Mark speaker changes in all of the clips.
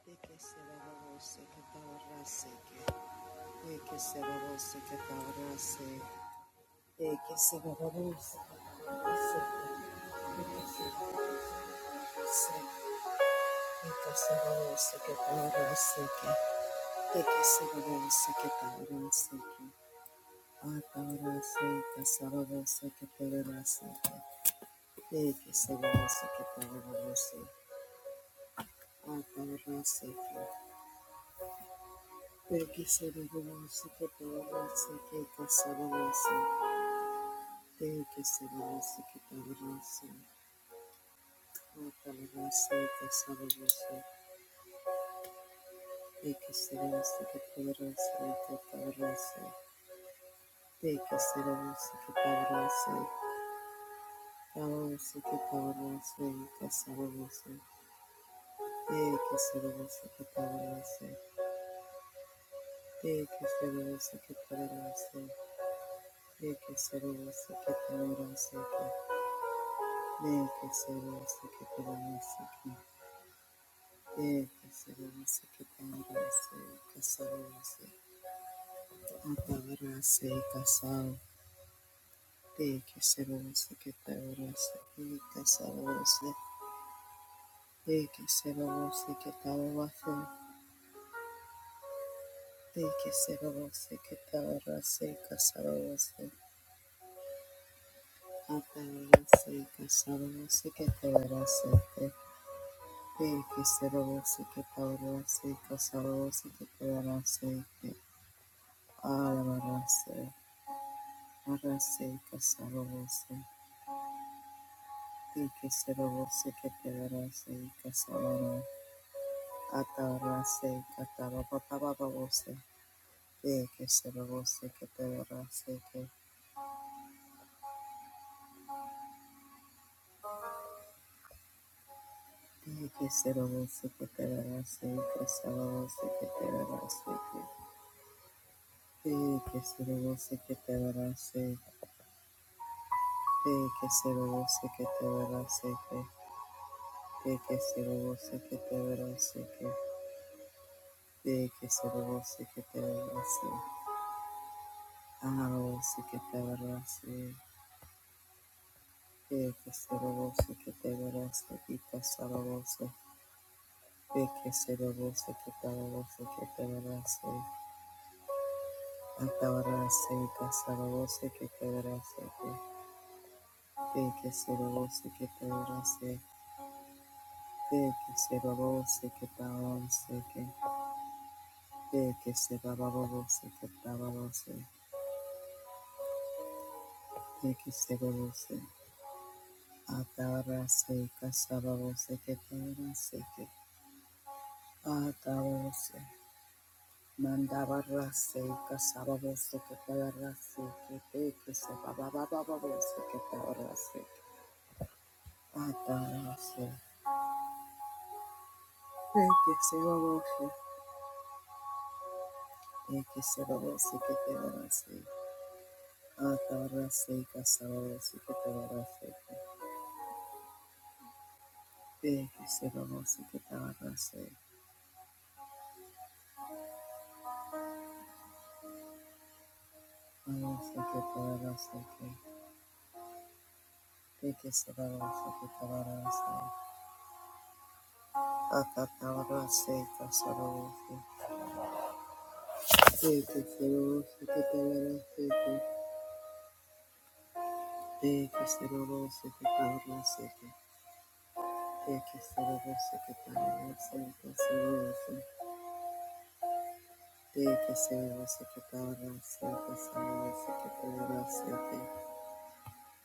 Speaker 1: Thank you. Thank you, Silas, que poderoso. Oh, poderoso, que poderoso. Thank you, Silas, que poderoso, que poderoso. Thank you, Silas, que poderoso. Poderoso, que poderoso, que poderoso. Thank you, Silas, que poderoso. Thank you, Silas, que poderoso. Thank you, Silas, que poderoso. Thank you, Silas, que poderoso. Thank you, Silas, que poderoso, que poderoso. Apalarase kasal teke serose ketaurase ita sarose teke serose ketaurase teke serose ketaurase kasarose apalarase kasarose ketaurase teke serose ketaurase kasarose ketaurase alarase arase kasarose teke serose ketaurase kasarose Atara se katara papa papa vose de que se vose que te verá se que de que se lo vose que te verá se que se lo vose que te verá se que de que se lo vose que te verá se de que se lo vose que te verá se que de que se lo vose que te verá se que de que se lo vose que te verá se ana lo vose que te verá se de que se vose que te verá y te vose Ekeserebose ketarabose ketarabase atabarase kasarabose ketarabase ekeserebose ketarabase ekeserebose ketarabase ekeserebose ketarabase ekeserebose atabarase kasarabose ketarabase atabarase Mandabarase kasababose ketarase kete kusababababose ketarase atarase eke sebabose eke sebabose ketarase atarase kasababose ketarase eke sebabose ketarase abose ketarase eke sebabose ketarase akatarase kasababose eke sebabose ketarase Te que se lo goce, que todo lo seque. Te que se lo goce, que todo lo seque, se lo goce. Te que se lo goce, que todo lo seque, se lo goce, que todo lo seque.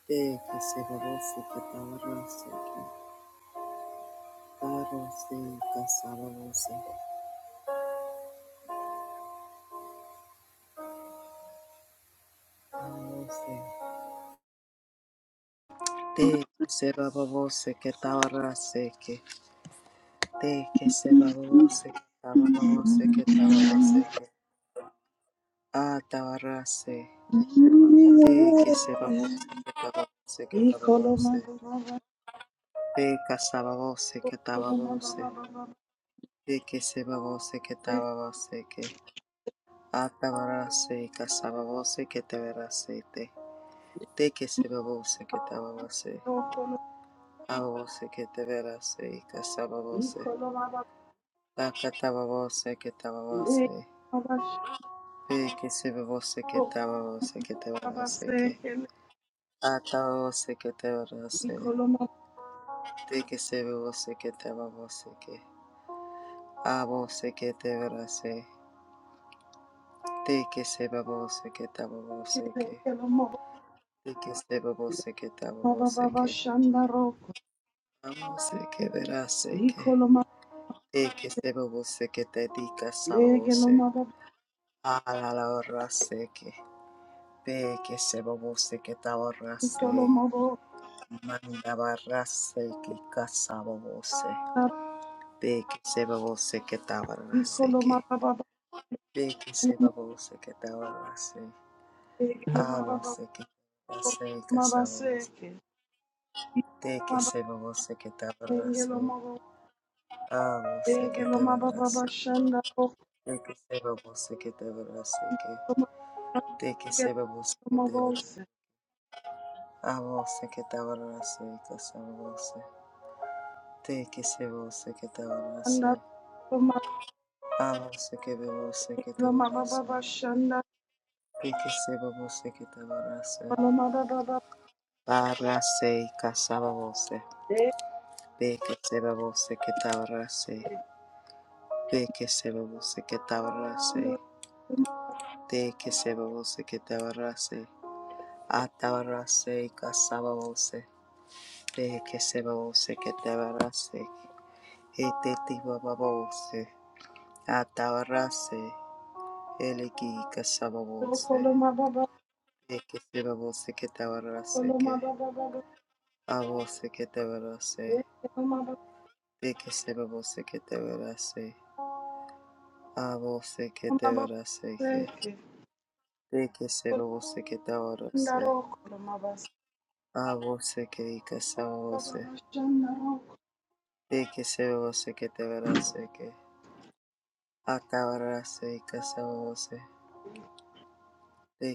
Speaker 1: Te que se lo goce, que todo lo seque. Todo seca, solo goce, todo goce. Te que se lo goce, que todo lo seque. Te que se lo goce, que todo lo seque, todo lo seque. Ah, todo lo Te que
Speaker 2: Ikoloma
Speaker 1: se babose, que babose, que babose. Te casababose, que tababose. Te que se babose, que tababose, que. Atabarase y casababose, que te verase te. Te que se babose, que tababose. Ababose, que te verase y casababose. Tacatababose, que tababose. que tababose. Te que se babose, que tababose, que te verase que. Atababose, que te verase. Te que se babose, que tababose, que. Abose que te verase, te que se babose que tabose que, te que se babose que tabose que, amose que verase que, te que se babose que te dica sabose, a la la rase que, te que se babose que taborase, manda barrase que casabose, te que se babose que taborase que, te que se babose que taborase. Avo se que se casavos, te que se vos se que te abrace, avo se que
Speaker 2: Degelo
Speaker 1: te
Speaker 2: mababa
Speaker 1: abrace,
Speaker 2: bashanda
Speaker 1: te que se vos se que te abrace, que
Speaker 2: Koloma
Speaker 1: te que se vos se que te
Speaker 2: baba
Speaker 1: abrace, avo se que te abrace, casavos, te que se vos se que te abrace, avo se que vos se que te abrace,
Speaker 2: Shanda,
Speaker 1: te que se vos se que te abrace,
Speaker 2: Roma baba
Speaker 1: abrace casavos,
Speaker 2: De,
Speaker 1: te que se vos se que te abrace. De que se babose que tabarase, de que se babose que tabarase, atabarase casababose, de que se babose que tabarase, ete tibababose, atabarase, eliki casababose,
Speaker 2: Coloma Baba,
Speaker 1: de que se babose que tabarase,
Speaker 2: Coloma
Speaker 1: que
Speaker 2: Baba,
Speaker 1: abose que tabarase,
Speaker 2: Coloma
Speaker 1: de que se babose que tabarase, abose que
Speaker 2: Baba,
Speaker 1: tabarase, que
Speaker 2: seke
Speaker 1: de que se babose que
Speaker 2: lenge
Speaker 1: tabarase. Avose que ikasa avose. que se avose que te verase que. Atavarase ikasa avose.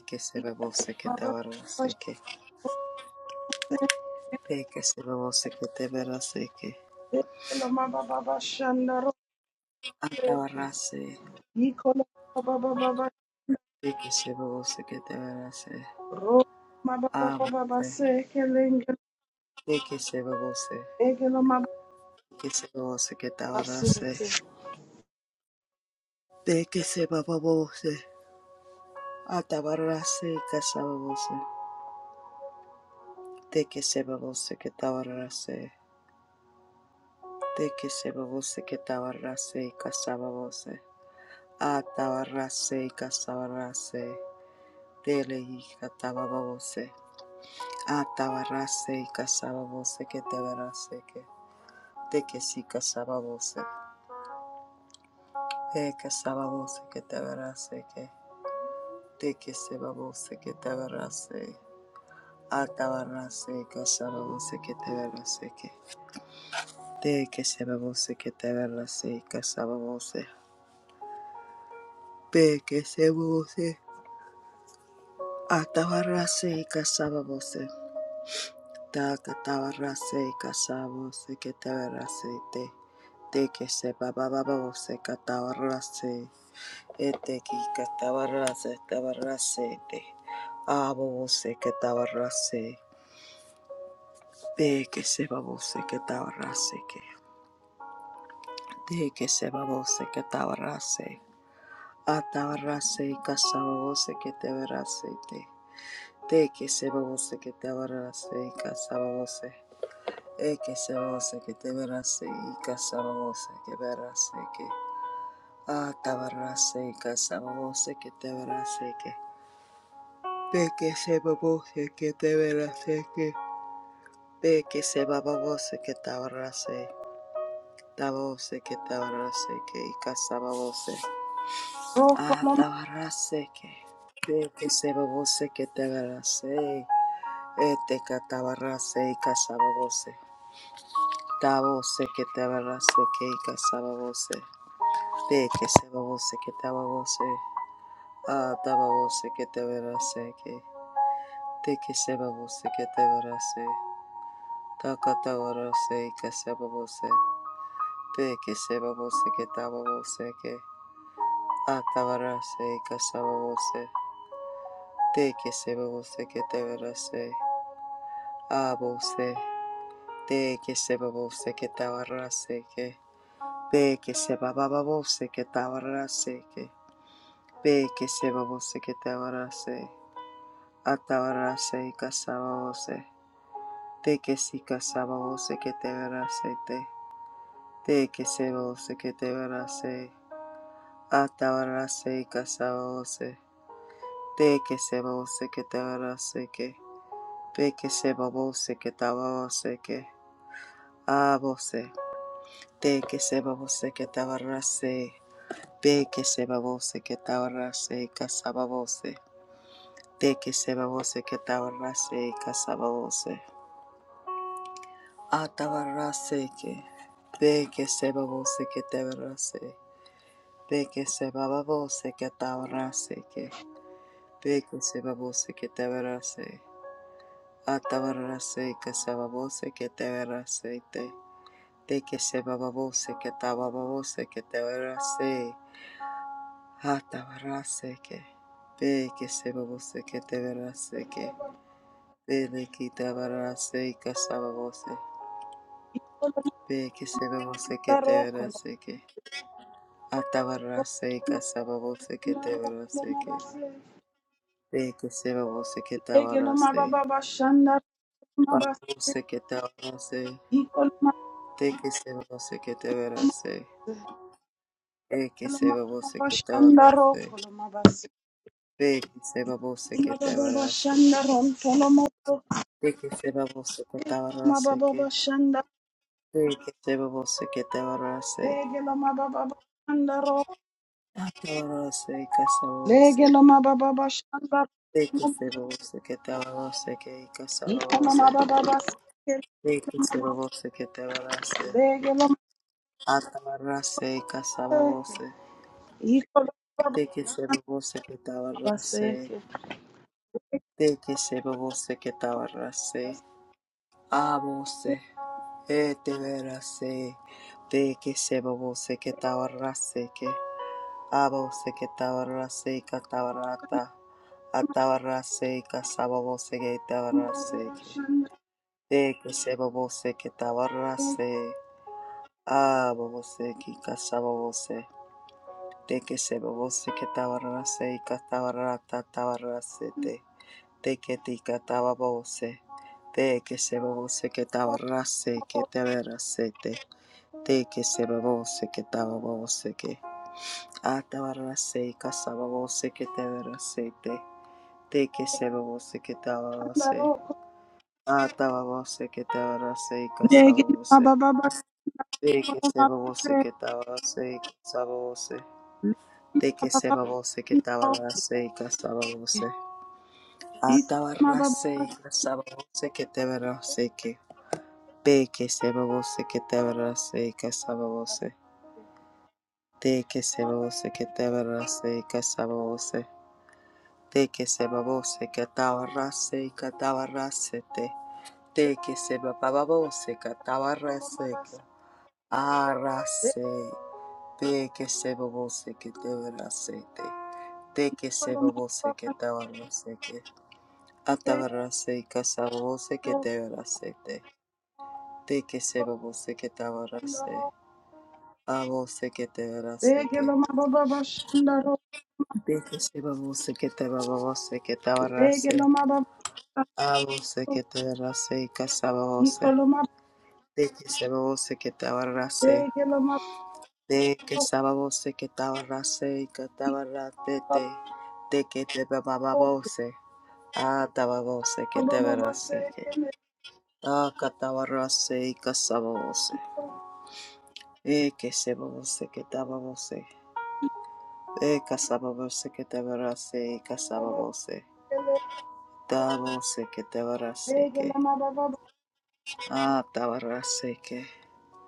Speaker 1: que se avose que te verase
Speaker 2: lenge
Speaker 1: que. de que se avose que te verase que.
Speaker 2: loma baba Shanda Rock, Baba Coloma Baba Shanda Rock, seke.
Speaker 1: Atavarase.
Speaker 2: Ecola Baba Baba,
Speaker 1: que se avose que te verase.
Speaker 2: Roma Baba Baba
Speaker 1: Avose.
Speaker 2: Seke, Lingle,
Speaker 1: que se avose.
Speaker 2: Egeloma
Speaker 1: que se avose que te
Speaker 2: Baba
Speaker 1: verase.
Speaker 2: Seke.
Speaker 1: Deke se avose. Atavarase ikasa avose. Deke se avose que te verase. Tekesebose ketawarase kasababose. Atawarase kasawarase. Tele katababose. Atawarase kasababose ketawarase ke. Tekesi kasababose. Tekesababose ketawarase ke. Tekesebabose ketawarase. Atawarase kasababose ketawarase ke. Tekesebabose ketawarase kasababose. Tekesebose. Atabarrase Atabarase kasababose, ta katabarase kasabose que te verase te, te que se babababose catabarrase ete que catabarrase tabarase te, abobose katabarase, te que se babose que tabarrase que, te que se babose que tabarrase katabarase, atabarase kasababose que te verase te, te que se babose que katabarase kasababose, Eke se vose que te verás y casabose que verás que atabarás y casabose que te verás que peque se babose que te verás que peque se babose que te verás tabose que te verás que y casabose atabarás que peque se babose que te verás ete catabarás y casabose tabose que te verás que y casabose De que se babose que tababose, ah tababose que te verase que, de que se babose que te verase, taca tabarase y que se babose, de que se babose que tababose que, ah tabarase y que se babose, de que se babose que te verase, ah bose, de que se babose que tabarase que, de que se bababose que tabarase que, de que se babose que tabarase Atabarase casabaose. Te que si casabaose que te verase te. Te que se vose que te verase. Atabarase casabaose. Te que se vose que te verase que. Te que se babose que tababose que. Abose. Te que se babose que tabarase. Te que se babose que tabarase casabaose. Te que se babose que tabarase casabaose. Atabaraseke. Beke sebaboseke tebarase. Beke sebaboseke tabaraseke. Beke sebaboseke tebarase. Atabaraseke sebaboseke tebarasete. Beke sebaboseke tababoseke tebarase. Atabaraseke. Beke sebaboseke
Speaker 2: Legelo mababa shanda
Speaker 1: tebaraseke. Beke tabaraseke sebabose.
Speaker 2: ikolo
Speaker 1: Beke sebaboseke tebaraseke. Atabarase kasababose ketebarase
Speaker 2: mababa
Speaker 1: ke.
Speaker 2: baseke
Speaker 1: Teke sebabose
Speaker 2: legelo
Speaker 1: ketabarase.
Speaker 2: mababa baseke
Speaker 1: Babose ketabarase. Teke sebabose ketebarase. Eke sebabose ketabarase. Teke sebabose ketabarase ke. Teke sebabose ketabarase ke. Teke sebabose ketabarase. Atabarase kasababose. Teke sebabose ketabarase ke kasababose. Teke sebabose ketabarase. Atabarrase casabose,
Speaker 2: ikolo
Speaker 1: de que
Speaker 2: mababa
Speaker 1: se babose que tabarrase,
Speaker 2: abaseke
Speaker 1: de que se babose que tabarrase, abose, ete verase, de que se babose que tabarrase que, abose que tabarrase catabarata, atabarrase casabose que tabarrase que, de que se babose que tabarrase, abose que casabose. De que se babose que tabarrase y catabarrata tabarrasete. De que te catababose. De que se babose que tabarrase que tabarrasete. De que se babose que tababose que. Atabarrase y casababose que tabarrasete. De que se babose que tabarrase. Atababose que tabarrase y
Speaker 2: nege
Speaker 1: casababose.
Speaker 2: mababa
Speaker 1: De que
Speaker 2: koro
Speaker 1: se
Speaker 2: mabase
Speaker 1: que tabarrase y casababose. De que se babose que tabarrase y casababose. Atabarrase y casababose que te verase que. De que se babose que te verase y casababose. De que se babose que te verase y casababose. De que se babose que tabarrase y catabarrase te. De que se babose que tabarrase que. Arrase. De que se babose que te verase te. De que se babose que tabarrase que. Atabarase casabose que te verasete, de que se babose que tabarase, abose que te verase
Speaker 2: Nege mababa koro. iko mababa Lege
Speaker 1: que,
Speaker 2: lo mababa bashandaro,
Speaker 1: de que se babose que te babose que
Speaker 2: lege lo
Speaker 1: tabarase,
Speaker 2: mababa, shandaro. Nege mababa
Speaker 1: abose
Speaker 2: koro.
Speaker 1: que te verase y
Speaker 2: iko
Speaker 1: casabose,
Speaker 2: lo mababa,
Speaker 1: de que se babose que tabarase,
Speaker 2: lege lo
Speaker 1: de que sababose que tabarase y
Speaker 2: mababa,
Speaker 1: catabarate te te que te bababose, atababose que
Speaker 2: Baba
Speaker 1: te
Speaker 2: baba
Speaker 1: verase que,
Speaker 2: seke le
Speaker 1: acatabarase y casabose. E e que se babose que daba vose. E casaba vose que te Ekesebose ketabose.
Speaker 2: baba
Speaker 1: Ekasabose ketabarase.
Speaker 2: seke le
Speaker 1: que te ketabarase
Speaker 2: lege
Speaker 1: que,
Speaker 2: la ma baba
Speaker 1: Ah, tabarase ke.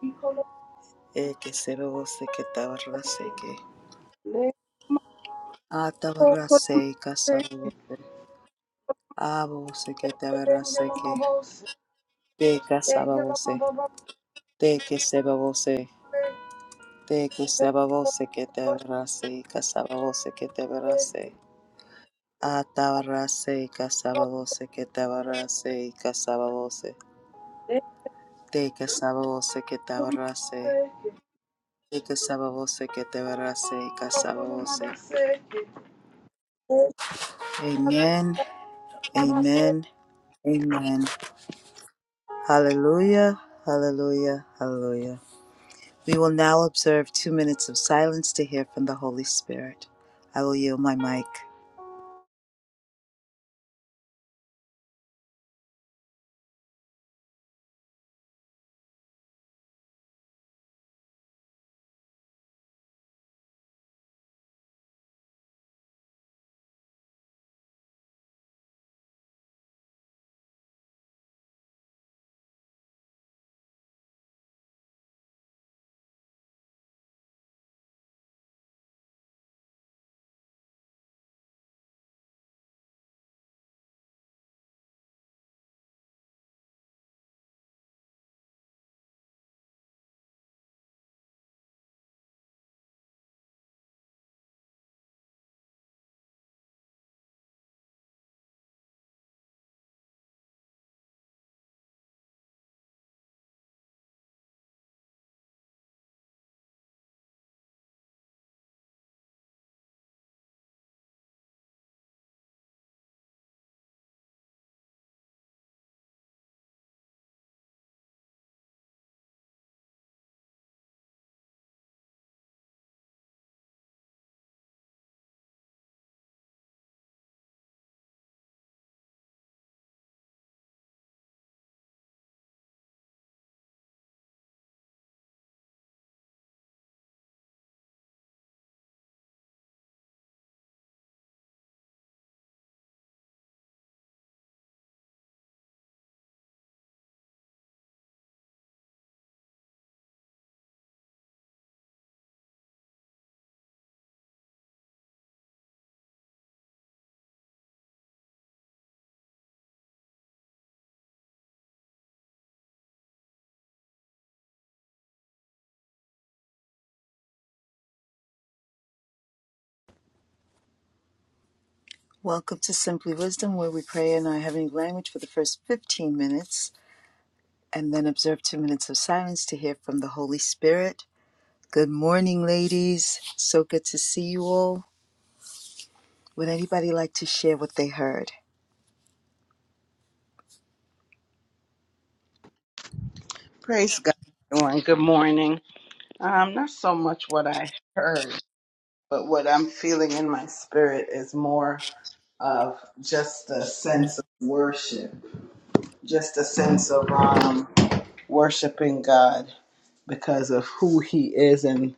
Speaker 2: iko lo
Speaker 1: Ekesebose ketabarase que,
Speaker 2: seke
Speaker 1: tabarase que.
Speaker 2: le ma
Speaker 1: Ah,
Speaker 2: to ko lo
Speaker 1: tabarase
Speaker 2: seke
Speaker 1: kasabose. ah,
Speaker 2: lege
Speaker 1: ketabarase
Speaker 2: la ma
Speaker 1: que
Speaker 2: baba
Speaker 1: Te
Speaker 2: lege la ma
Speaker 1: verase que
Speaker 2: baba
Speaker 1: Te kesebose.
Speaker 2: seke
Speaker 1: Te kesebose que se babose que
Speaker 2: baba seke
Speaker 1: te ketabarase.
Speaker 2: lege
Speaker 1: Atabarase
Speaker 2: la
Speaker 1: kasababose ketabarase kasababose. Te kasababose
Speaker 2: ma
Speaker 1: ketabarase.
Speaker 2: seke
Speaker 1: Te casabose que tabarase. ketabarase
Speaker 2: ko lo ma baba
Speaker 1: kasababose.
Speaker 2: seke lege
Speaker 1: Amen.
Speaker 2: la ma baba seke.
Speaker 1: Amen. Amen. Hallelujah. Hallelujah. Hallelujah. We will now observe two minutes of silence to hear from the Holy Spirit. I will yield my mic. Welcome to Simply Wisdom, where we pray in our heavenly language for the first 15 minutes and then observe two minutes of silence to hear from the Holy Spirit. Good morning, ladies. So good to see you all. Would anybody like to share what they heard?
Speaker 2: Praise God, everyone. Good morning. Um, not so much what I heard, but what I'm feeling in my spirit is more of just a sense of worship, just a sense of um, worshiping God because of who He is and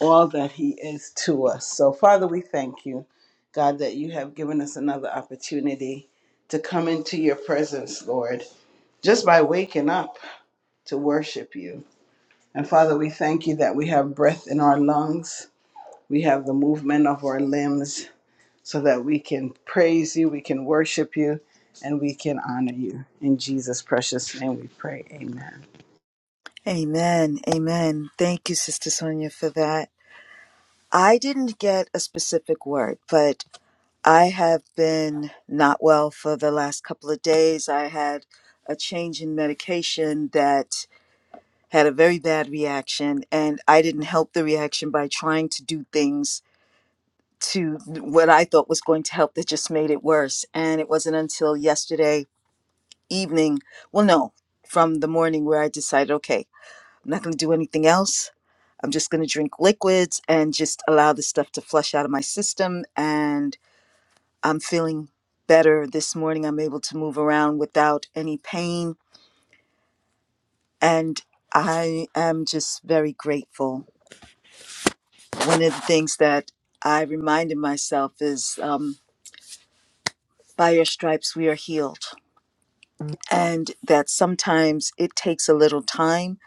Speaker 2: all that He is to us. So, Father, we thank you, God, that you have given us another opportunity to come into your presence, Lord, just by waking up to worship you. And Father, we thank you that we have breath in our lungs. We have the movement of our limbs so that we can praise you, we can worship you, and we can honor you. In Jesus' precious name we pray. Amen.
Speaker 1: Amen. Amen. Thank you, Sister Sonia, for that. I didn't get a specific word, but I have been not well for the last couple of days. I had a change in medication that had a very bad reaction, and I didn't help the reaction by trying to do things to what I thought was going to help that just made it worse. And it wasn't until yesterday evening, well, no, from the morning where I decided, okay, I'm not going to do anything else. I'm just going to drink liquids and just allow the stuff to flush out of my system. And I'm feeling better this morning. I'm able to move around without any pain. And I am just very grateful. One of the things that I reminded myself is um, by your stripes, we are healed and that sometimes it takes a little time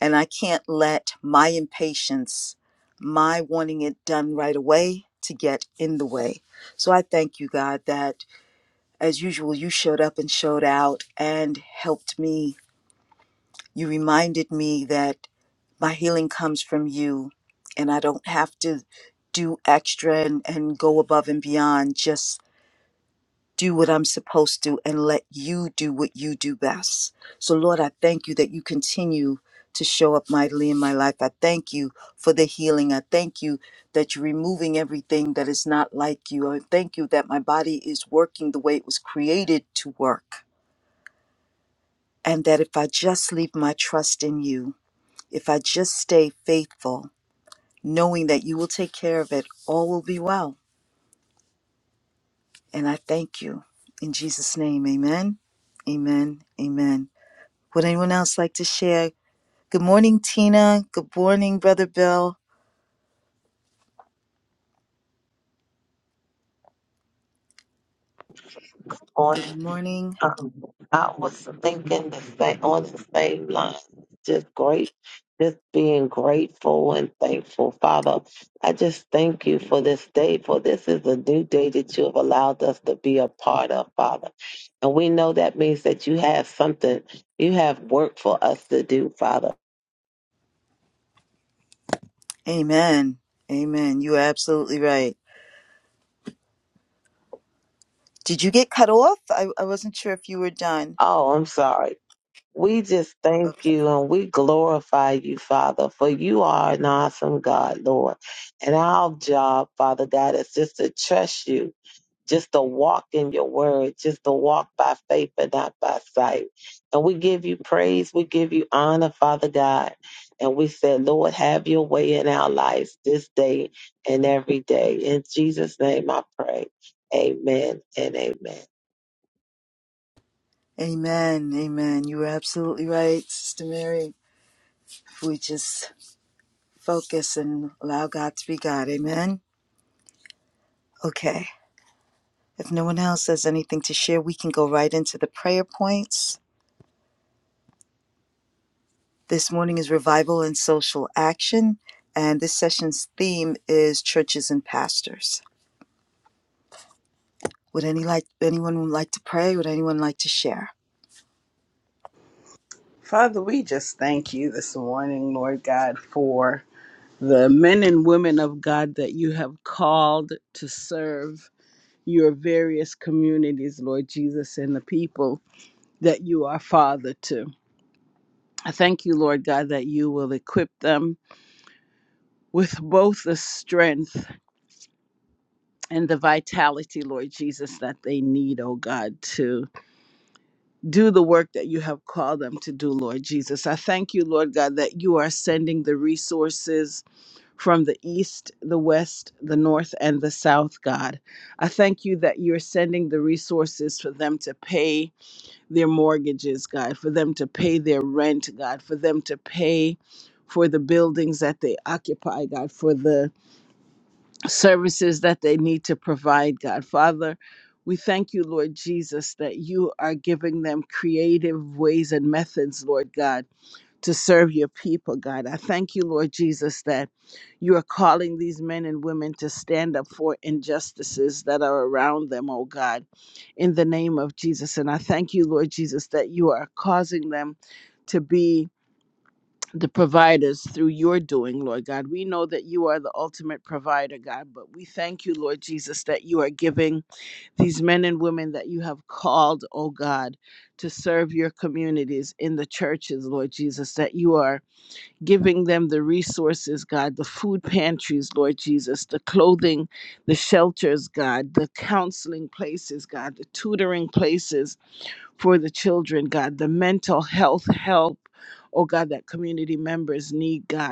Speaker 1: and I can't let my impatience, my wanting it done right away to get in the way. So I thank you, God, that as usual, you showed up and showed out and helped me. You reminded me that my healing comes from you and I don't have to do extra and, and go above and beyond. just. do what I'm supposed to and let you do what you do best. So, Lord, I thank you that you continue to show up mightily in my life. I thank you for the healing. I thank you that you're removing everything that is not like you. I thank you that my body is working the way it was created to work. And that if I just leave my trust in you, if I just stay faithful, knowing that you will take care of it, all will be well. And I thank you. In Jesus' name, amen, amen, amen. Would anyone else like to share? Good morning, Tina. Good morning, Brother Bill.
Speaker 3: on
Speaker 1: Good morning.
Speaker 3: um I was thinking the same on the same line. Just great just being grateful and thankful, Father. I just thank you for this day, for this is a new day that you have allowed us to be a part of, Father. And we know that means that you have something, you have work for us to do, Father.
Speaker 1: Amen. Amen. You are absolutely right. Did you get cut off? I, I wasn't sure if you were done.
Speaker 3: Oh, I'm sorry. We just thank
Speaker 1: Okay.
Speaker 3: you and we glorify you, Father, for you are an awesome God, Lord. And our job, Father God, is just to trust you, just to walk in your word, just to walk by faith and not by sight. And we give you praise, we give you honor, Father God. And we said, Lord, have your way in our lives this day and every day. In Jesus' name I pray. Amen and amen.
Speaker 1: Amen. Amen. You were absolutely right, Sister Mary. We just focus and allow God to be God. Amen. Okay. If no one else has anything to share, we can go right into the prayer points. This morning is revival and social action, and this session's theme is churches and pastors. Would any like anyone like to pray? Would anyone like to share?
Speaker 2: Father, we just thank you this morning, Lord God, for the men and women of God that you have called to serve your various communities, Lord Jesus, and the people that you are Father to. I thank you, Lord God, that you will equip them with both the strength and the vitality, Lord Jesus, that they need, oh God, to do the work that you have called them to do, Lord Jesus. I thank you, Lord God, that you are sending the resources from the east, the west, the north, and the south, God. I thank you that you're sending the resources for them to pay their mortgages, God, for them to pay their rent, God, for them to pay for the buildings that they occupy, God, for the services that they need to provide, God. Father, we thank you, Lord Jesus, that you are giving them creative ways and methods, Lord God, to serve your people, God. I thank you, Lord Jesus, that you are calling these men and women to stand up for injustices that are around them, oh God, in the name of Jesus. And I thank you, Lord Jesus, that you are causing them to be the providers through your doing, Lord God. We know that you are the ultimate provider, God, but we thank you, Lord Jesus, that you are giving these men and women that you have called, oh God, to serve your communities in the churches, Lord Jesus, that you are giving them the resources, God, the food pantries, Lord Jesus, the clothing, the shelters, God, the counseling places, God, the tutoring places, for the children, God, the mental health help, oh God, that community members need, God.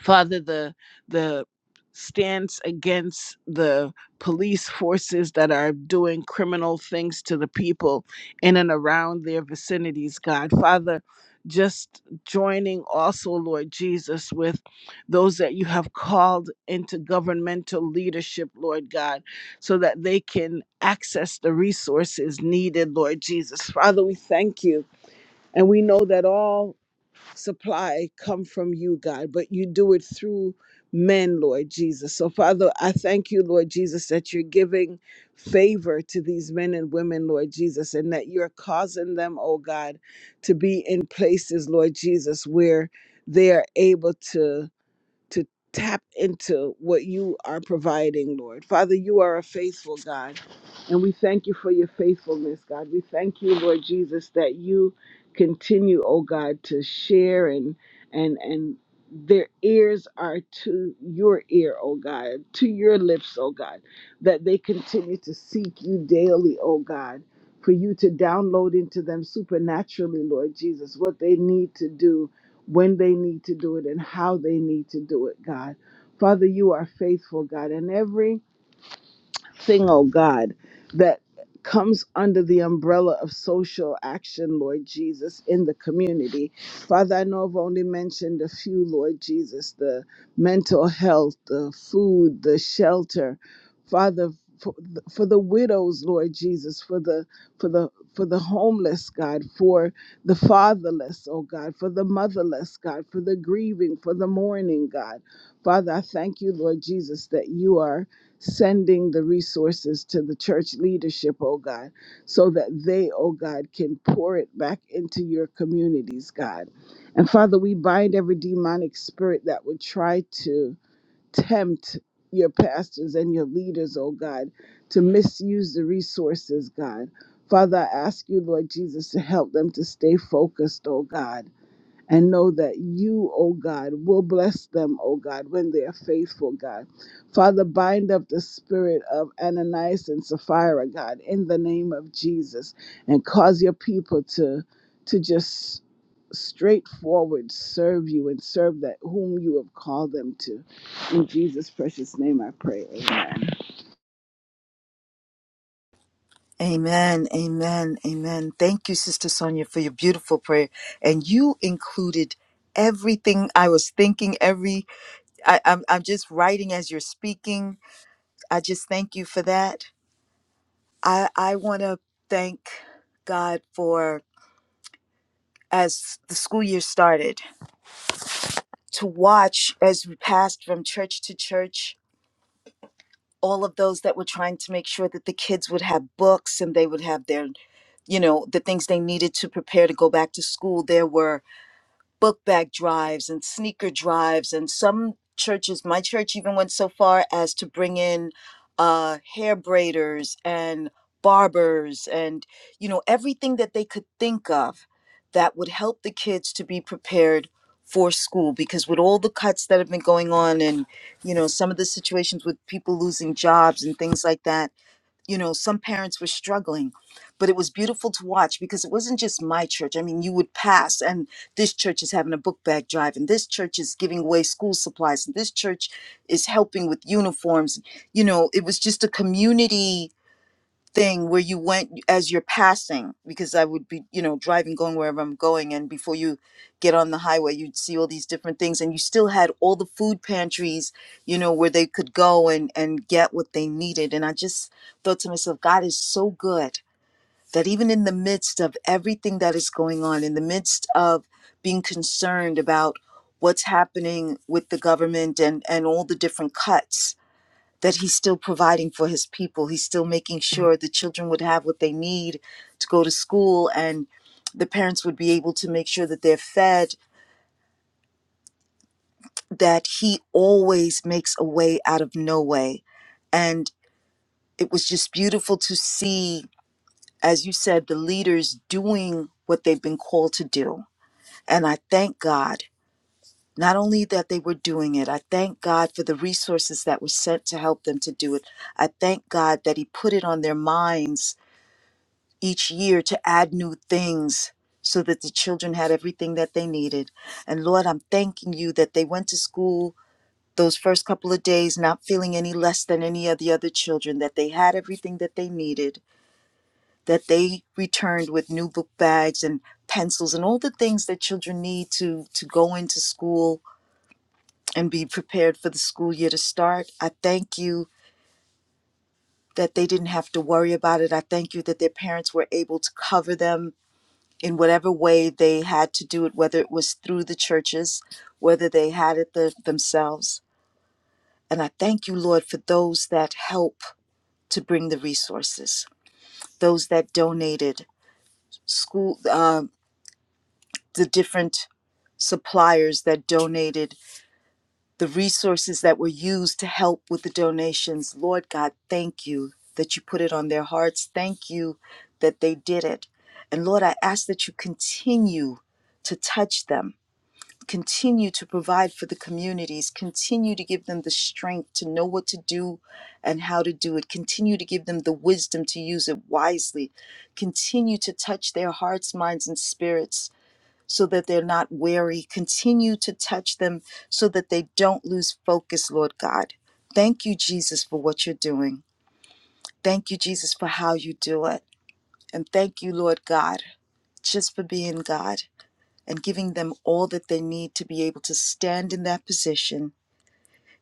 Speaker 2: Father, the the stance against the police forces that are doing criminal things to the people in and around their vicinities, God. Father, just joining also, Lord Jesus, with those that you have called into governmental leadership, Lord God, so that they can access the resources needed, Lord Jesus. Father, we thank you. And we know that all supply come from you, God, but you do it through men, Lord Jesus. So, Father, I thank you, Lord Jesus, that you're giving favor to these men and women, Lord Jesus, and that you're causing them, oh God, to be in places, Lord Jesus, where they are able to to tap into what you are providing, Lord. Father, you are a faithful God, and we thank you for your faithfulness, God. We thank you, Lord Jesus, that you continue, oh God, to share and and and their ears are to your ear, oh God, to your lips, oh God, that they continue to seek you daily, oh God, for you to download into them supernaturally, Lord Jesus, what they need to do when they need to do it and how they need to do it, God. Father, you are faithful, God, and every thing, oh God, that comes under the umbrella of social action, Lord Jesus, in the community. Father, I know I've only mentioned a few, Lord Jesus, the mental health, the food, the shelter. Father, for, for the widows, Lord Jesus, for the for the for the homeless, God, for the fatherless, oh God, for the motherless, God, for the grieving, for the mourning, God. Father, I thank you, Lord Jesus, that you are sending the resources to the church leadership, oh God, so that they, oh God, can pour it back into your communities, God. And Father, we bind every demonic spirit that would try to tempt your pastors and your leaders, oh God, to misuse the resources, God. Father, I ask you, Lord Jesus, to help them to stay focused, oh God and know that you, O God, will bless them, O God, when they are faithful, God. Father, bind up the spirit of Ananias and Sapphira, God, in the name of Jesus, and cause your people to, to just straightforward serve you and serve that whom you have called them to. In Jesus' precious name I pray. Amen.
Speaker 1: Amen, amen, amen. Thank you, Sister Sonia, for your beautiful prayer. And you included everything I was thinking. Every I, I'm I'm just writing as you're speaking. I just thank you for that. I I want to thank God for as the school year started. to watch as we passed from church to church all of those that were trying to make sure that the kids would have books and they would have their you know the things they needed to prepare to go back to school there were book bag drives and sneaker drives and some churches my church even went so far as to bring in uh hair braiders and barbers and you know everything that they could think of that would help the kids to be prepared for school because with all the cuts that have been going on and you know some of the situations with people losing jobs and things like that you know some parents were struggling but it was beautiful to watch because it wasn't just my church i mean you would pass and this church is having a book bag drive and this church is giving away school supplies and this church is helping with uniforms you know it was just a community thing where you went as you're passing because i would be you know driving going wherever i'm going and before you get on the highway you'd see all these different things and you still had all the food pantries you know where they could go and and get what they needed and i just thought to myself god is so good that even in the midst of everything that is going on in the midst of being concerned about what's happening with the government and and all the different cuts that he's still providing for his people. He's still making sure the children would have what they need to go to school and the parents would be able to make sure that they're fed, that he always makes a way out of no way. And it was just beautiful to see, as you said, the leaders doing what they've been called to do. And I thank God. Not only that they were doing it, I thank God for the resources that were sent to help them to do it. I thank God that He put it on their minds each year to add new things so that the children had everything that they needed. And Lord, I'm thanking you that they went to school those first couple of days not feeling any less than any of the other children, that they had everything that they needed, that they returned with new book bags and pencils and all the things that children need to, to go into school and be prepared for the school year to start. I thank you that they didn't have to worry about it. I thank you that their parents were able to cover them in whatever way they had to do it, whether it was through the churches, whether they had it the, themselves. And I thank you, Lord, for those that help to bring the resources, those that donated, school, uh, the different suppliers that donated, the resources that were used to help with the donations. Lord God, thank you that you put it on their hearts. Thank you that they did it. And Lord, I ask that you continue to touch them continue to provide for the communities, continue to give them the strength to know what to do and how to do it, continue to give them the wisdom to use it wisely, continue to touch their hearts, minds, and spirits so that they're not weary, continue to touch them so that they don't lose focus, Lord God. Thank you, Jesus, for what you're doing. Thank you, Jesus, for how you do it. And thank you, Lord God, just for being God and giving them all that they need to be able to stand in that position.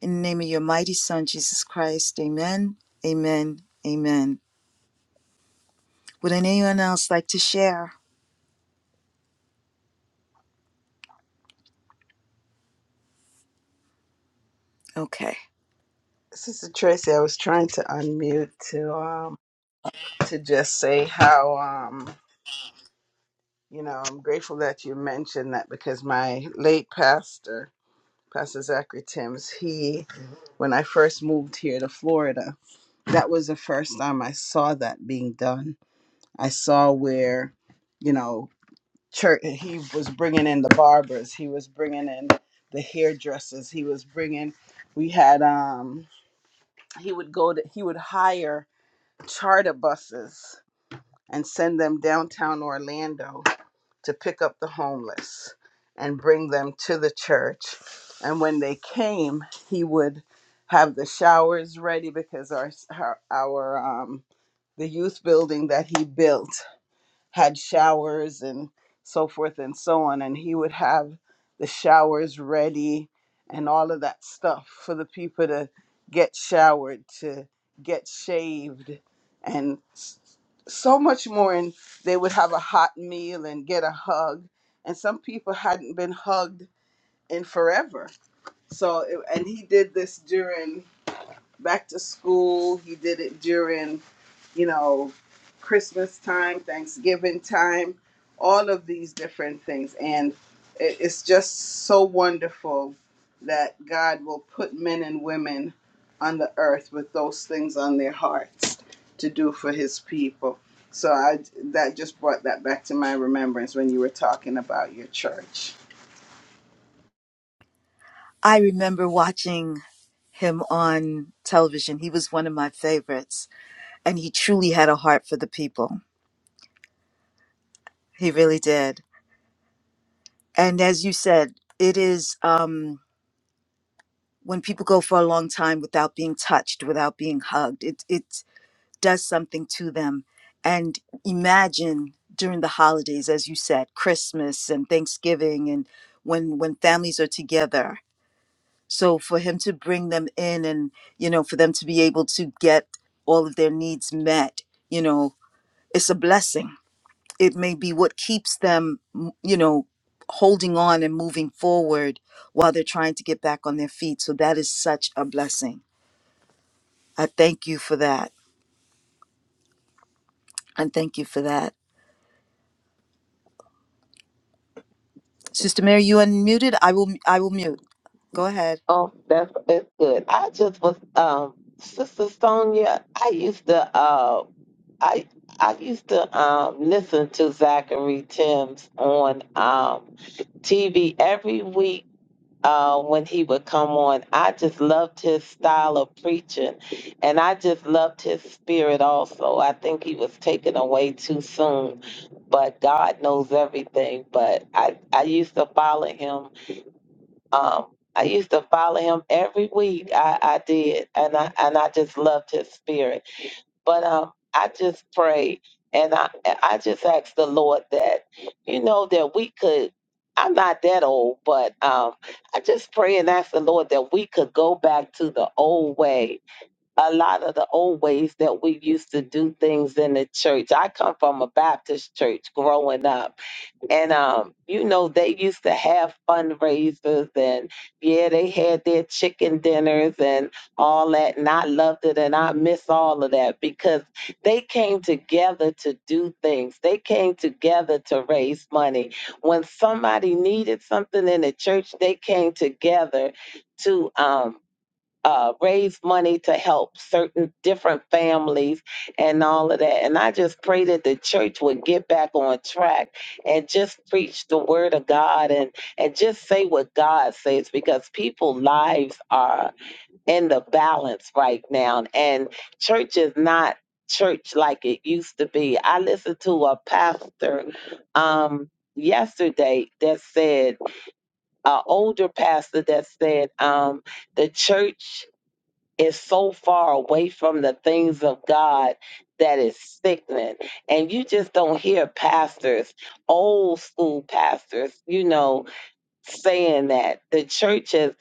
Speaker 1: In the name of your mighty Son, Jesus Christ, amen, amen, amen. Would anyone else like to share? Okay.
Speaker 2: Sister Tracy, I was trying to unmute to um to just say how um You know, I'm grateful that you mentioned that because my late pastor, Pastor Zachary Timms, he, when I first moved here to Florida, that was the first time I saw that being done. I saw where, you know, church, he was bringing in the barbers, he was bringing in the hairdressers, he was bringing, we had, um, he would go to, he would hire charter buses and send them downtown Orlando to pick up the homeless and bring them to the church. And when they came, he would have the showers ready because our our, our um, the youth building that he built had showers and so forth and so on. And he would have the showers ready and all of that stuff for the people to get showered, to get shaved, and s- so much more. And they would have a hot meal and get a hug. And some people hadn't been hugged in forever. So, it- and he did this during back to school, he did it during, you know, time and and
Speaker 1: I remember watching him on television. He was one of my favorites, and he truly had a heart for the people. He really did. And as you said, it is um, when people go for a long time without being touched, without being hugged. It it does something to them. And imagine during the holidays, as you said, Christmas and Thanksgiving, and when when families are together. So for him to bring them in, and you know, for them to be able to get all of their needs met, you know, it's a blessing. It may be what keeps them, m- you know, holding on and moving forward while they're trying to get back on their feet. So that is such a blessing. I thank you for that, and thank you for that. Sister Mary, you unmuted. I will I will mute. Go ahead.
Speaker 3: Oh, that's that's good. I just was um Sister Sonia, I used to uh I I used to um listen to Zachary Timms on um TV every week uh when he would come on. I just loved his style of preaching and I just loved his spirit also. I think he was taken away too soon, but God knows everything. But I I used to follow him um, I used to follow him every week. I, I did, and I and I just loved his spirit. But um, I just prayed, and I I just asked the Lord that, you know, that we could. I'm not that old, but um, I just pray and ask the Lord that we could go back to the old way. A lot of the old ways that we used to do things in the church. I come from a Baptist church growing up and um, you know, they used to have fundraisers and yeah, they had their chicken dinners and all that. And I loved it and I miss all of that because they came together to do things. They came together to raise money. When somebody needed something in the church, they came together to um uh, raise money to help certain different families and all of that. And I just pray that the church would get back on track and just preach the word of God and and just say what God says because people's lives are in the balance right now and church is not church like it used to be. I listened to a pastor um yesterday that said an older pastor that said um the church is so far away from the things of God that is sickening. And you just don't hear pastors, old school pastors, you know, saying that the church is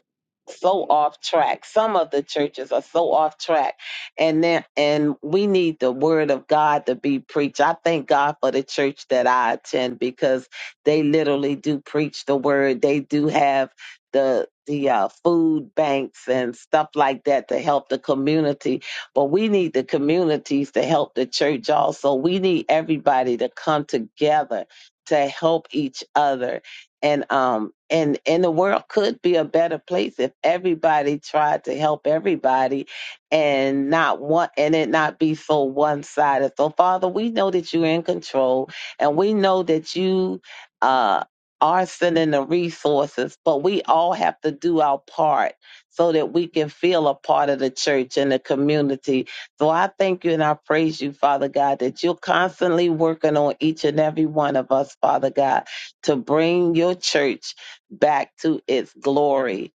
Speaker 3: so off track. Some of the churches are so off track, and then and we need the word of God to be preached. I thank God for the church that I attend because they literally do preach the word. They do have the the uh, food banks and stuff like that to help the community. But we need the communities to help the church also. We need everybody to come together to help each other and um and and the world could be a better place if everybody tried to help everybody and not want and it not be so one sided so father we know that you're in control and we know that you uh are sending the resources, but we all have to do our part so that we can feel a part of the church and the community. So I thank you and I praise you, Father God, that you're constantly working on each and every one of us, Father God to bring your church back to its glory.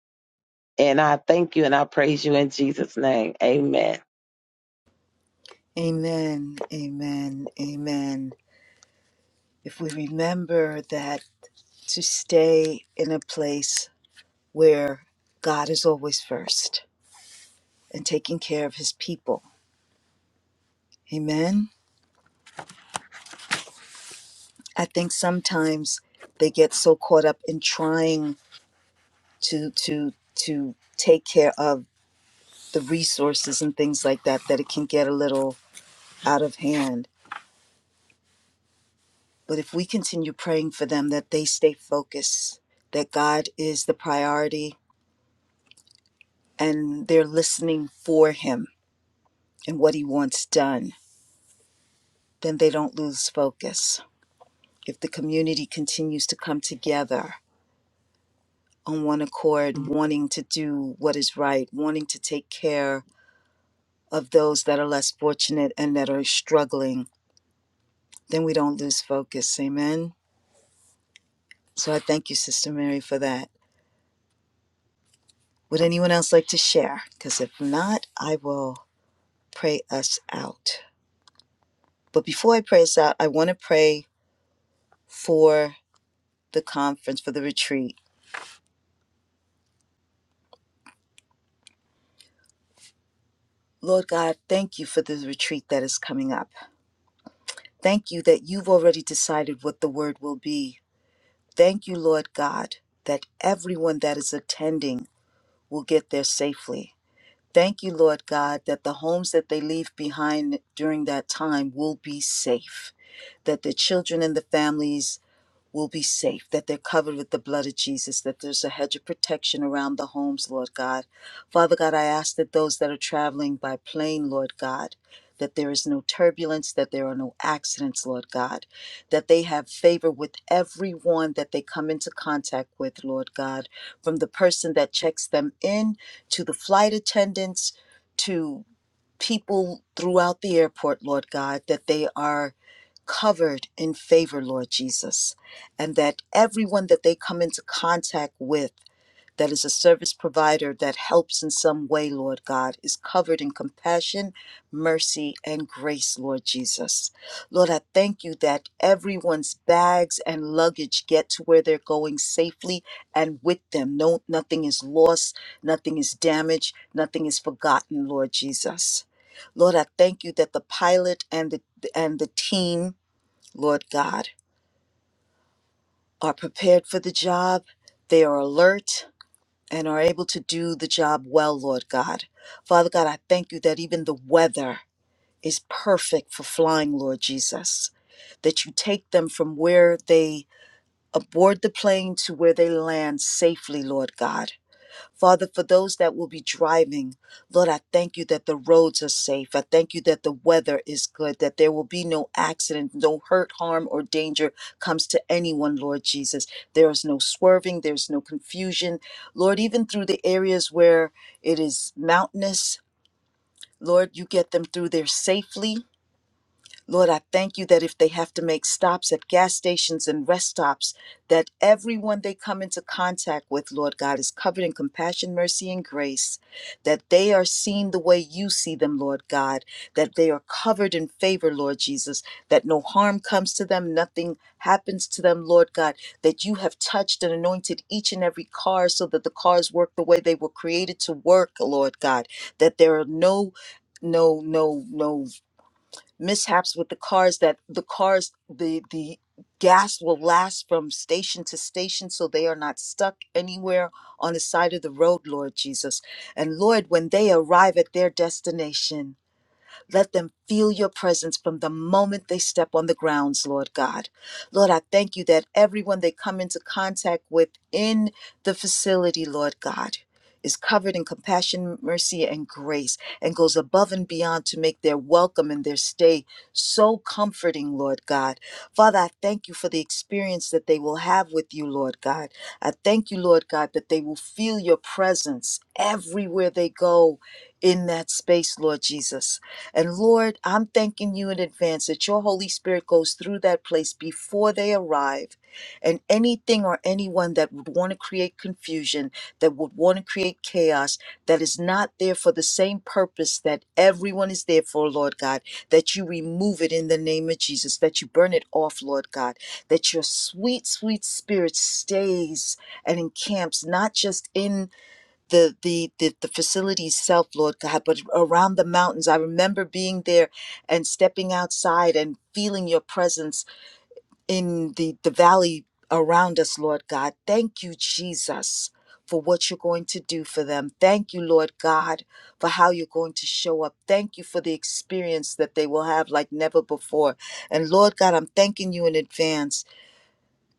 Speaker 3: And I thank you and I praise you in Jesus' name. Amen.
Speaker 1: Amen. Amen. Amen. If we remember that to stay in a place where God is always first and taking care of his people. Amen. I think sometimes they get so caught up in trying to to to take care of the resources and things like that that it can get a little out of hand But if we continue praying for them, that they stay focused, that God is the priority and they're listening for Him and what He wants done, then they don't lose focus. If the community continues to come together on one accord, wanting to do what is right, wanting to take care of those that are less fortunate and that are struggling, then we don't lose focus. Amen. So I thank you, Sister Mary, for that. Would anyone else like to share? Because if not, I will. pray us out. But before I pray us out, I want to pray for the conference, for the retreat. Lord God, thank you for the retreat that is coming up. Thank you that you've already decided what the word will be. Thank you, Lord God, that everyone that is attending will get there safely. Thank you, Lord God, that the homes that they leave behind during that time will be safe, that the children and the families will be safe, that they're covered with the blood of Jesus, that there's a hedge of protection around the homes, Lord God. Father God, I ask that those that are traveling by plane, Lord God, that there is no turbulence, that there are no accidents, Lord God, that they have favor with everyone that they come into contact with, Lord God, from the person that checks them in to the flight attendants to people throughout the airport, Lord God, that they are covered in favor, Lord Jesus, and that everyone that they come into contact with that is a service provider that helps in some way, Lord God, is covered in compassion, mercy, and grace, Lord Jesus. Lord, I thank you that everyone's bags and luggage get to where they're going safely and with them. No, nothing is lost, nothing is damaged, nothing is forgotten, Lord Jesus. Lord, I thank you that the pilot and the and the team, Lord God, are prepared for the job. They are alert and are able to do the job well, Lord God. Father God, I thank you that even the weather is perfect for flying, Lord Jesus, that you take them from where they aboard the plane to where they land safely, Lord God. Father, for those that will be driving, Lord, I thank you that the roads are safe. I thank you that the weather is good, that there will be no accident, no hurt, harm, or danger comes to anyone, Lord Jesus. There is no swerving, there's no confusion. Lord, even through the areas where it is mountainous, Lord, you get them through there safely. Lord, I thank you that if they have to make stops at gas stations and rest stops, that everyone they come into contact with, Lord God, is covered in compassion, mercy, and grace, that they are seen the way you see them, Lord God, that they are covered in favor, Lord Jesus, that no harm comes to them, nothing happens to them, Lord God, that you have touched and anointed each and every car so that the cars work the way they were created to work, Lord God, that there are no no no no mishaps with the cars that the cars the the gas will last from station to station so they are not stuck anywhere on the side of the road lord jesus and lord when they arrive at their destination let them feel your presence from the moment they step on the grounds, Lord God. Lord, I thank you that everyone they come into contact with in the facility, Lord God, is covered in compassion, mercy, and grace, and goes above and beyond to make their welcome and their stay so comforting, Lord God. Father, I thank you for the experience that they will have with you, Lord God. I thank you, Lord God, that they will feel your presence everywhere they go in that space, Lord Jesus. And Lord, I'm thanking you in advance that your Holy Spirit goes through that place before they arrive. And anything or anyone that would want to create confusion, that would want to create chaos, that is not there for the same purpose that everyone is there for, Lord God, that you remove it in the name of Jesus, that you burn it off, Lord God, that your sweet, sweet spirit stays and encamps not just in the the the, the facilities self lord god but around the mountains i remember being there and stepping outside and feeling your presence in the the valley around us lord god thank you jesus for what you're going to do for them. Thank you, Lord God, for how you're going to show up. Thank you for the experience that they will have like never before. And Lord God, I'm thanking you in advance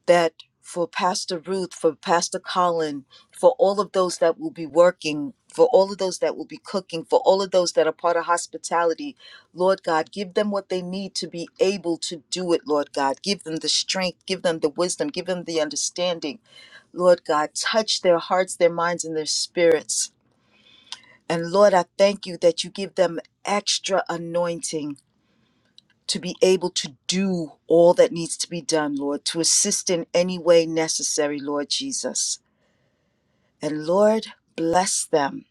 Speaker 1: that for Pastor Ruth, for Pastor Colin, for all of those that will be working, for all of those that will be cooking, for all of those that are part of hospitality, Lord God, give them what they need to be able to do it, Lord God. Give them the strength, give them the wisdom, give them the understanding, Lord God. Touch their hearts, their minds, and their spirits. And Lord, I thank you that you give them extra anointing to be able to do all that needs to be done, Lord, to assist in any way necessary, Lord Jesus. And Lord, bless them,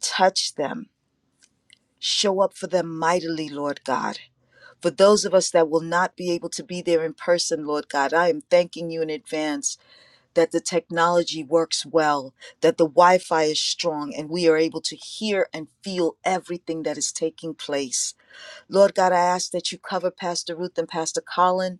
Speaker 1: touch them, show up for them mightily, Lord God. For those of us that will not be able to be there in person, Lord God, I am thanking you in advance that the technology works well, that the Wi Fi is strong, and we are able to hear and feel everything that is taking place. Lord God, I ask that you cover Pastor Ruth and Pastor Colin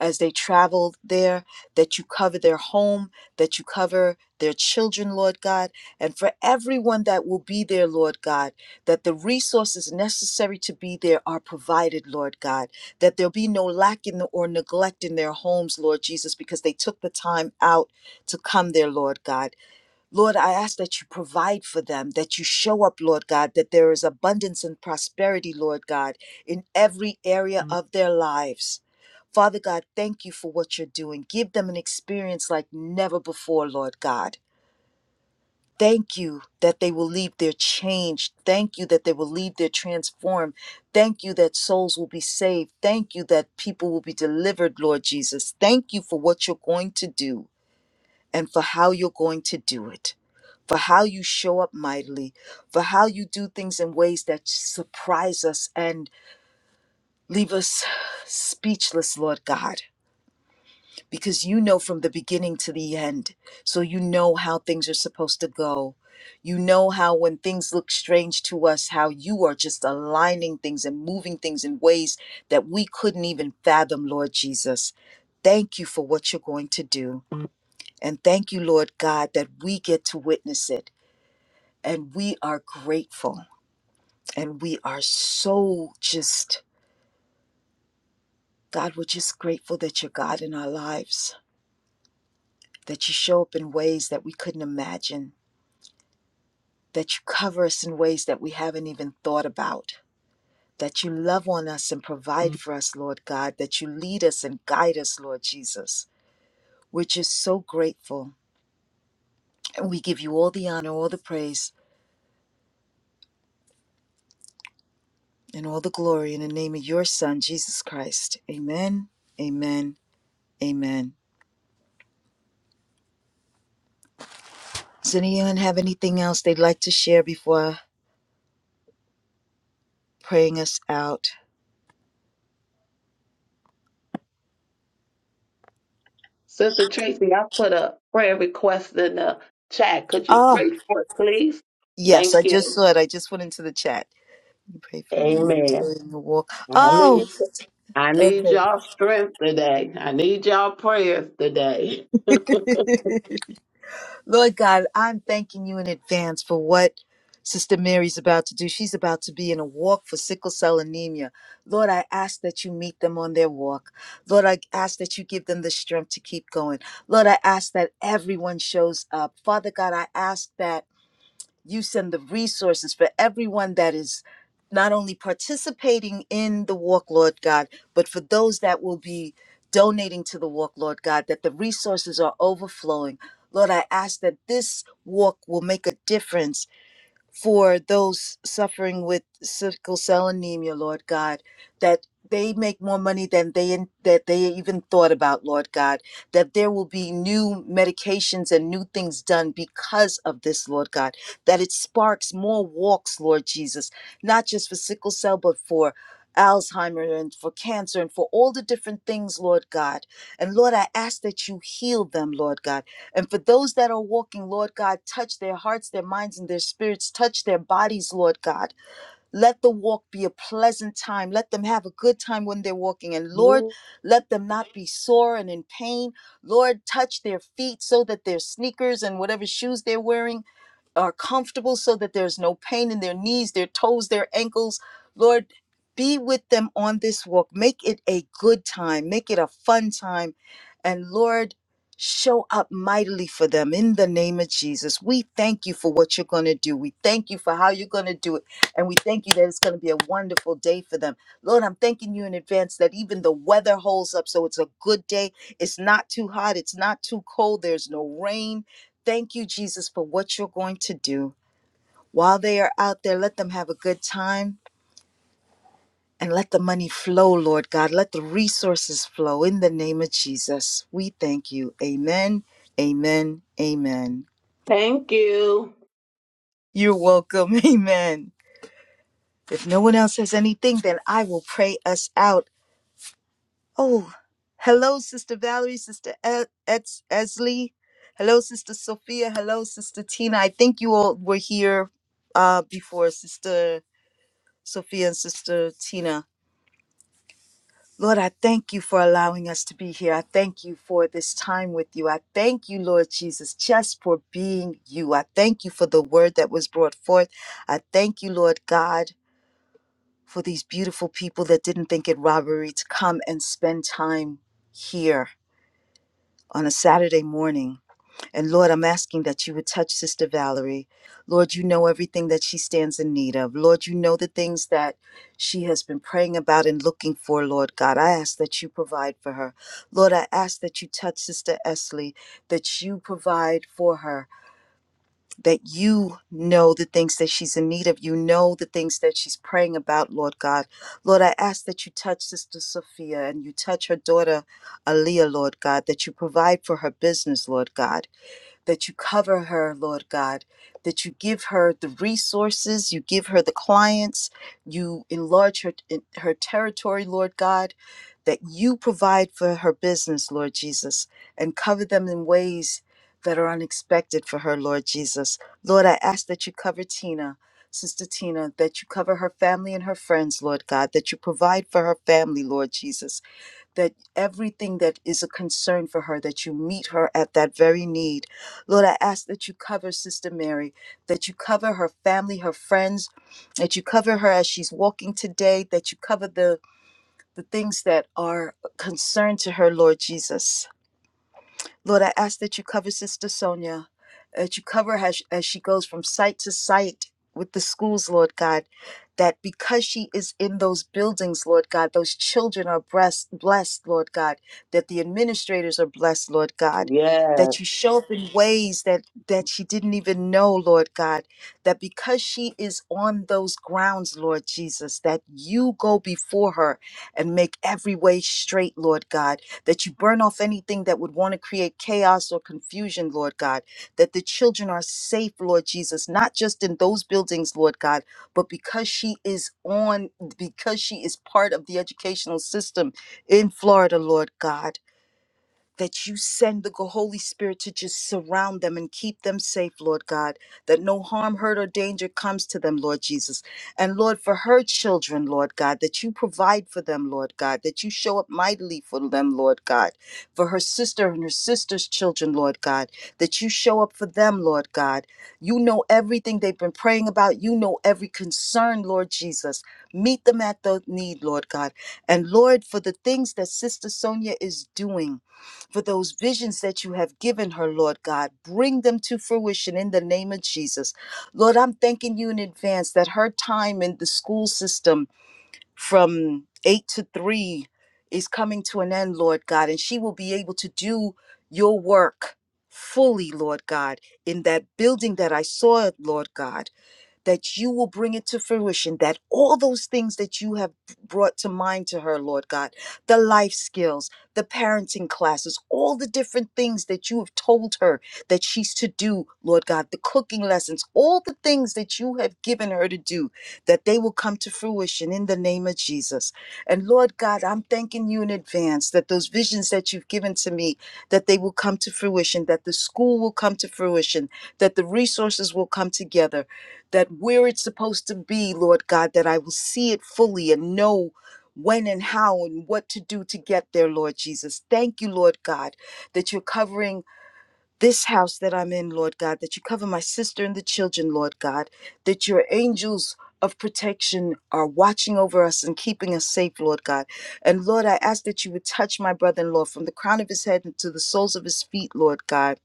Speaker 1: as they travel there, that you cover their home, that you cover their children, Lord God, and for everyone that will be there, Lord God, that the resources necessary to be there are provided, Lord God, that there'll be no lack in the, or neglect in their homes, Lord Jesus, because they took the time out to come there, Lord God Lord, I ask that you provide for them, that you show up, Lord God, that there is abundance and prosperity, Lord God, in every area Mm. of their lives. Father God, thank you for what you're doing. Give them an experience like never before, Lord God. Thank you that they will leave their changed. Thank you that they will leave their transformed. Thank you that souls will be saved. Thank you that people will be delivered, Lord Jesus. Thank you for what you're going to do and for how you're going to do it, for how you show up mightily, for how you do things in ways that surprise us and leave us speechless, Lord God, because you know from the beginning to the end. So you know how things are supposed to go. You know how, when things look strange to us, how you are just aligning things and moving things in ways that we couldn't even fathom, Lord Jesus. Thank you for what you're going to do. And thank you, Lord God, that we get to witness it. And we are grateful. And we are so just, God, we're just grateful that you're God in our lives, that you show up in ways that we couldn't imagine, that you cover us in ways that we haven't even thought about, that you love on us and provide Mhm. for us, Lord God, that you lead us and guide us, Lord Jesus. We're just so grateful. And we give you all the honor, all the praise. and all the glory in the name of your Son, Jesus Christ. Amen, amen, amen. Does anyone have anything else they'd like to share before praying us out?
Speaker 3: Sister Tracy, I put a prayer request in the chat. Could you
Speaker 1: Oh,
Speaker 3: pray for it, please?
Speaker 1: yes, I
Speaker 3: Thank
Speaker 1: just
Speaker 3: you.
Speaker 1: saw it. I just went into the chat. You pray for me. I'm
Speaker 3: Amen.
Speaker 1: doing the walk.
Speaker 3: I need,
Speaker 1: Oh,
Speaker 3: I need
Speaker 1: okay.
Speaker 3: y'all strength today. I need y'all prayers today.
Speaker 1: Lord God, I'm thanking you in advance for what Sister Mary's about to do. She's about to be in a walk for sickle cell anemia. Lord, I ask that you meet them on their walk. Lord, I ask that you give them the strength to keep going. Lord, I ask that everyone shows up. Father God, I ask that you send the resources for everyone that is not only participating in the walk, Lord God, but for those that will be donating to the walk, Lord God, that the resources are overflowing. Lord, I ask that this walk will make a difference for those suffering with sickle cell anemia, Lord God, that they make more money than they that they even thought about, Lord God, that there will be new medications and new things done because of this, Lord God, that it sparks more walks, Lord Jesus, not just for sickle cell, but for Alzheimer and for cancer and for all the different things, Lord God. And Lord, I ask that you heal them, Lord God and for those that are walking, Lord God, touch their hearts, their minds, and their spirits. Touch their bodies, Lord God. Let the walk be a pleasant time. Let them have a good time when they're walking. And Lord, let them not be sore and in pain. Lord, touch their feet so that their sneakers and whatever shoes they're wearing are comfortable so that there's no pain in their knees, their toes, their ankles. Lord, be with them on this walk. Make it a good time, make it a fun time. And Lord, show up mightily for them in the name of Jesus. We thank you for what you're going to do. We thank you for how you're going to do it. And we thank you that it's going to be a wonderful day for them. Lord, I'm thanking you in advance that even the weather holds up. So it's a good day. It's not too hot. It's not too cold. There's no rain. Thank you, Jesus, for what you're going to do. While they are out there, let them have a good time and let the money flow, Lord God. Let the resources flow in the name of Jesus. We thank you. Amen. Amen. Amen.
Speaker 3: Thank you.
Speaker 1: You're welcome. Amen. If no one else has anything, then I will pray us out. Oh, hello, Sister Valerie, Sister E- Ets- Esley. Hello, Sister Sophia. Hello, Sister Tina. I think you all were here uh, before, Sister. Sophia and Sister Tina. Lord, I thank you for allowing us to be here. I thank you for this time with you. I thank you, Lord Jesus, just for being you. I thank you for the word that was brought forth. I thank you, Lord God, for these beautiful people that didn't think it robbery to come and spend time here on a Saturday morning And Lord, I'm asking that you would touch Sister Valerie. Lord, you know everything that she stands in need of. Lord, you know the things that she has been praying about and looking for, Lord God. I ask that you provide for her. Lord, I ask that you touch Sister Esley, that you provide for her, that you know the things that she's in need of. You know the things that she's praying about, Lord God. Lord, I ask that you touch Sister Sophia and you touch her daughter, Aaliyah, Lord God, that you provide for her business, Lord God that you cover her, Lord God, that you give her the resources, you give her the clients, you enlarge her, her territory, Lord God, that you provide for her business, Lord Jesus, and cover them in ways that are unexpected for her, Lord Jesus. Lord, I ask that you cover Tina. Sister Tina, that you cover her family and her friends, Lord God, that you provide for her family, Lord Jesus, that everything that is a concern for her, that you meet her at that very need. Lord, I ask that you cover Sister Mary, that you cover her family, her friends, that you cover her as she's walking today, that you cover the, the things that are concerned to her, Lord Jesus. Lord, I ask that you cover Sister Sonia, uh, that you cover her as, as she goes from site to site with the schools, Lord God, that because she is in those buildings, Lord God, those children are blessed, blessed, Lord God, that the administrators are blessed, Lord God,
Speaker 3: Yes.
Speaker 1: that you show up in ways that, that she didn't even know, Lord God, that because she is on those grounds, Lord Jesus, that you go before her and make every way straight, Lord God that you burn off anything that would want to create chaos or confusion, Lord God, that the children are safe, Lord Jesus, not just in those buildings, Lord God, but because she is on, because she is part of the educational system in Florida, Lord God that you send the Holy Spirit to just surround them and keep them safe, Lord God, that no harm, hurt, or danger comes to them, Lord Jesus. And Lord, for her children, Lord God, that you provide for them, Lord God, that you show up mightily for them, Lord God, for her sister and her sister's children, Lord God, that you show up for them, Lord God. You know everything they've been praying about, you know every concern, Lord Jesus. Meet them at the need, Lord God. And Lord, for the things that Sister Sonia is doing, for those visions that you have given her, Lord God. Bring them to fruition in the name of Jesus. Lord, I'm thanking you in advance that her time in the school system from eight to three is coming to an end, Lord God, and she will be able to do your work fully, Lord God, in that building that I saw, Lord God that you will bring it to fruition, that all those things that you have brought to mind to her, Lord God, the life skills, the parenting classes, all the different things that you have told her that she's to do, Lord God, the cooking lessons, all the things that you have given her to do, that they will come to fruition in the name of Jesus. And Lord God, I'm thanking you in advance that those visions that you've given to me, that they will come to fruition, that the school will come to fruition, that the resources will come together that where it's supposed to be, Lord God, that I will see it fully and know when and how and what to do to get there, Lord Jesus. Thank you, Lord God, that you're covering this house that I'm in, Lord God, that you cover my sister and the children, Lord God, that your angels of protection are watching over us and keeping us safe, Lord God. And Lord, I ask that you would touch my brother in law from the crown of his head to the soles of his feet, Lord God,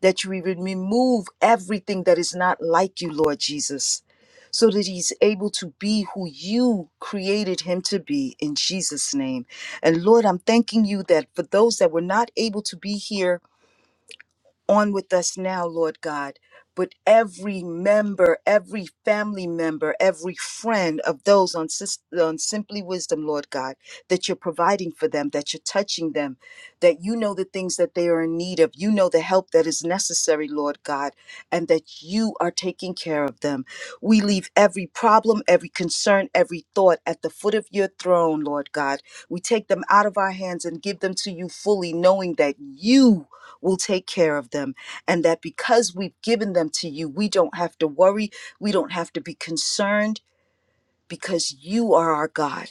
Speaker 1: that you would remove everything that is not like you, Lord Jesus, so that he's able to be who you created him to be in Jesus' name. And Lord, I'm thanking you that for those that were not able to be here on with us now, Lord God. But every member, every family member, every friend of those on, Sis- on Simply Wisdom, Lord God, that you're providing for them, that you're touching them, that you know the things that they are in need of. You know the help that is necessary, Lord God, and that you are taking care of them. We leave every problem, every concern, every thought at the foot of your throne, Lord God. We take them out of our hands and give them to you fully, knowing that you will take care of them and that because we've given them to you we don't have to worry we don't have to be concerned because you are our god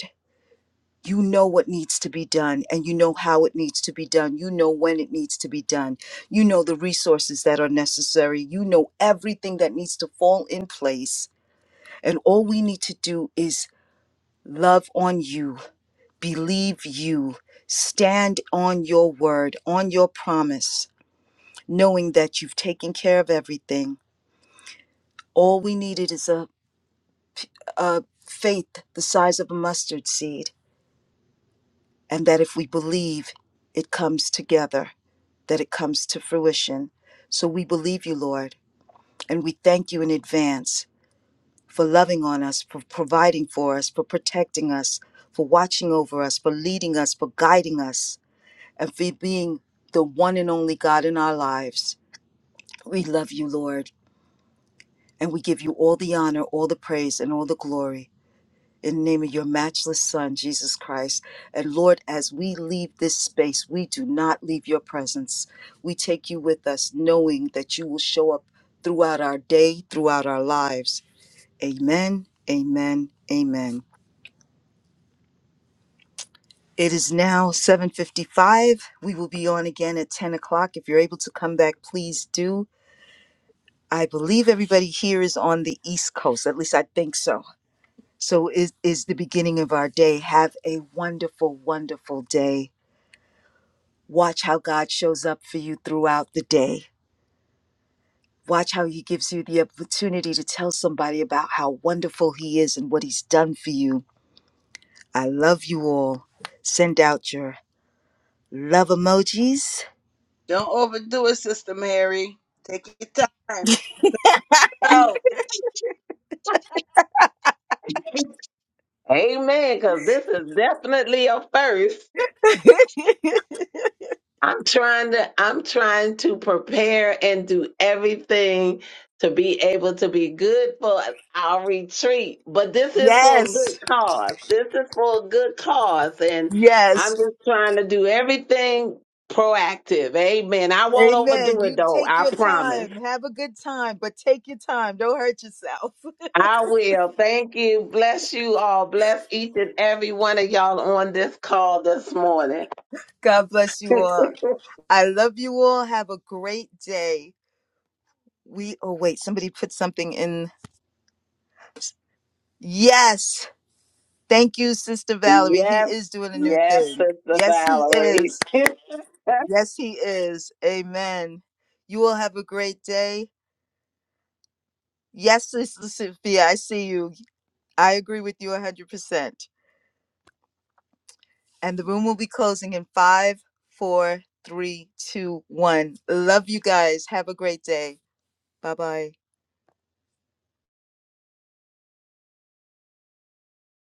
Speaker 1: you know what needs to be done and you know how it needs to be done you know when it needs to be done you know the resources that are necessary you know everything that needs to fall in place and all we need to do is love on you believe you stand on your word on your promise knowing that you've taken care of everything. All we needed is a, a faith the size of a mustard seed, and that if we believe, it comes together, that it comes to fruition. So we believe you, Lord, and we thank you in advance for loving on us, for providing for us, for protecting us, for watching over us, for leading us, for guiding us, and for being the one and only God in our lives. We love you, Lord. And we give you all the honor, all the praise, and all the glory in the name of your matchless Son, Jesus Christ. And Lord, as we leave this space, we do not leave your presence. We take you with us, knowing that you will show up throughout our day, throughout our lives. Amen, amen, amen. It is now 7:55. We will be on again at 10 o'clock. If you're able to come back, please do. I believe everybody here is on the East Coast. At least I think so. So is is the beginning of our day. Have a wonderful, wonderful day. Watch how God shows up for you throughout the day. Watch how he gives you the opportunity to tell somebody about how wonderful he is and what he's done for you. I love you all. Send out your love emojis.
Speaker 3: Amen. Because this is definitely a first. I'm trying to I'm trying to prepare and do everything to be able to be good for our retreat. But this is for a good
Speaker 1: Yes.
Speaker 3: cause. This is for a good cause. And I'm
Speaker 1: Yes.
Speaker 3: just trying to do everything proactive. Amen. I won't
Speaker 1: Amen.
Speaker 3: overdo it
Speaker 1: You
Speaker 3: though.
Speaker 1: take
Speaker 3: I
Speaker 1: your
Speaker 3: promise.
Speaker 1: time. Have a good time, but take your time. Don't hurt yourself.
Speaker 3: I will. Thank you. Bless you all. Bless each and every one of y'all on this call this morning.
Speaker 1: God bless you all. I love you all. Have a great day. We oh wait, somebody put something in. Yes. Thank you, Sister Valerie. He
Speaker 3: Yes.
Speaker 1: is doing a new
Speaker 3: Yes,
Speaker 1: thing.
Speaker 3: Sister
Speaker 1: Yes, he
Speaker 3: Valerie.
Speaker 1: is. Yes, he is. Amen. You will have a great day. Yes, Sister Sophia, I see you. I agree with you 100%. And the room will be closing in five, four, three, two, one. Love you guys. Have a great day. Bye bye.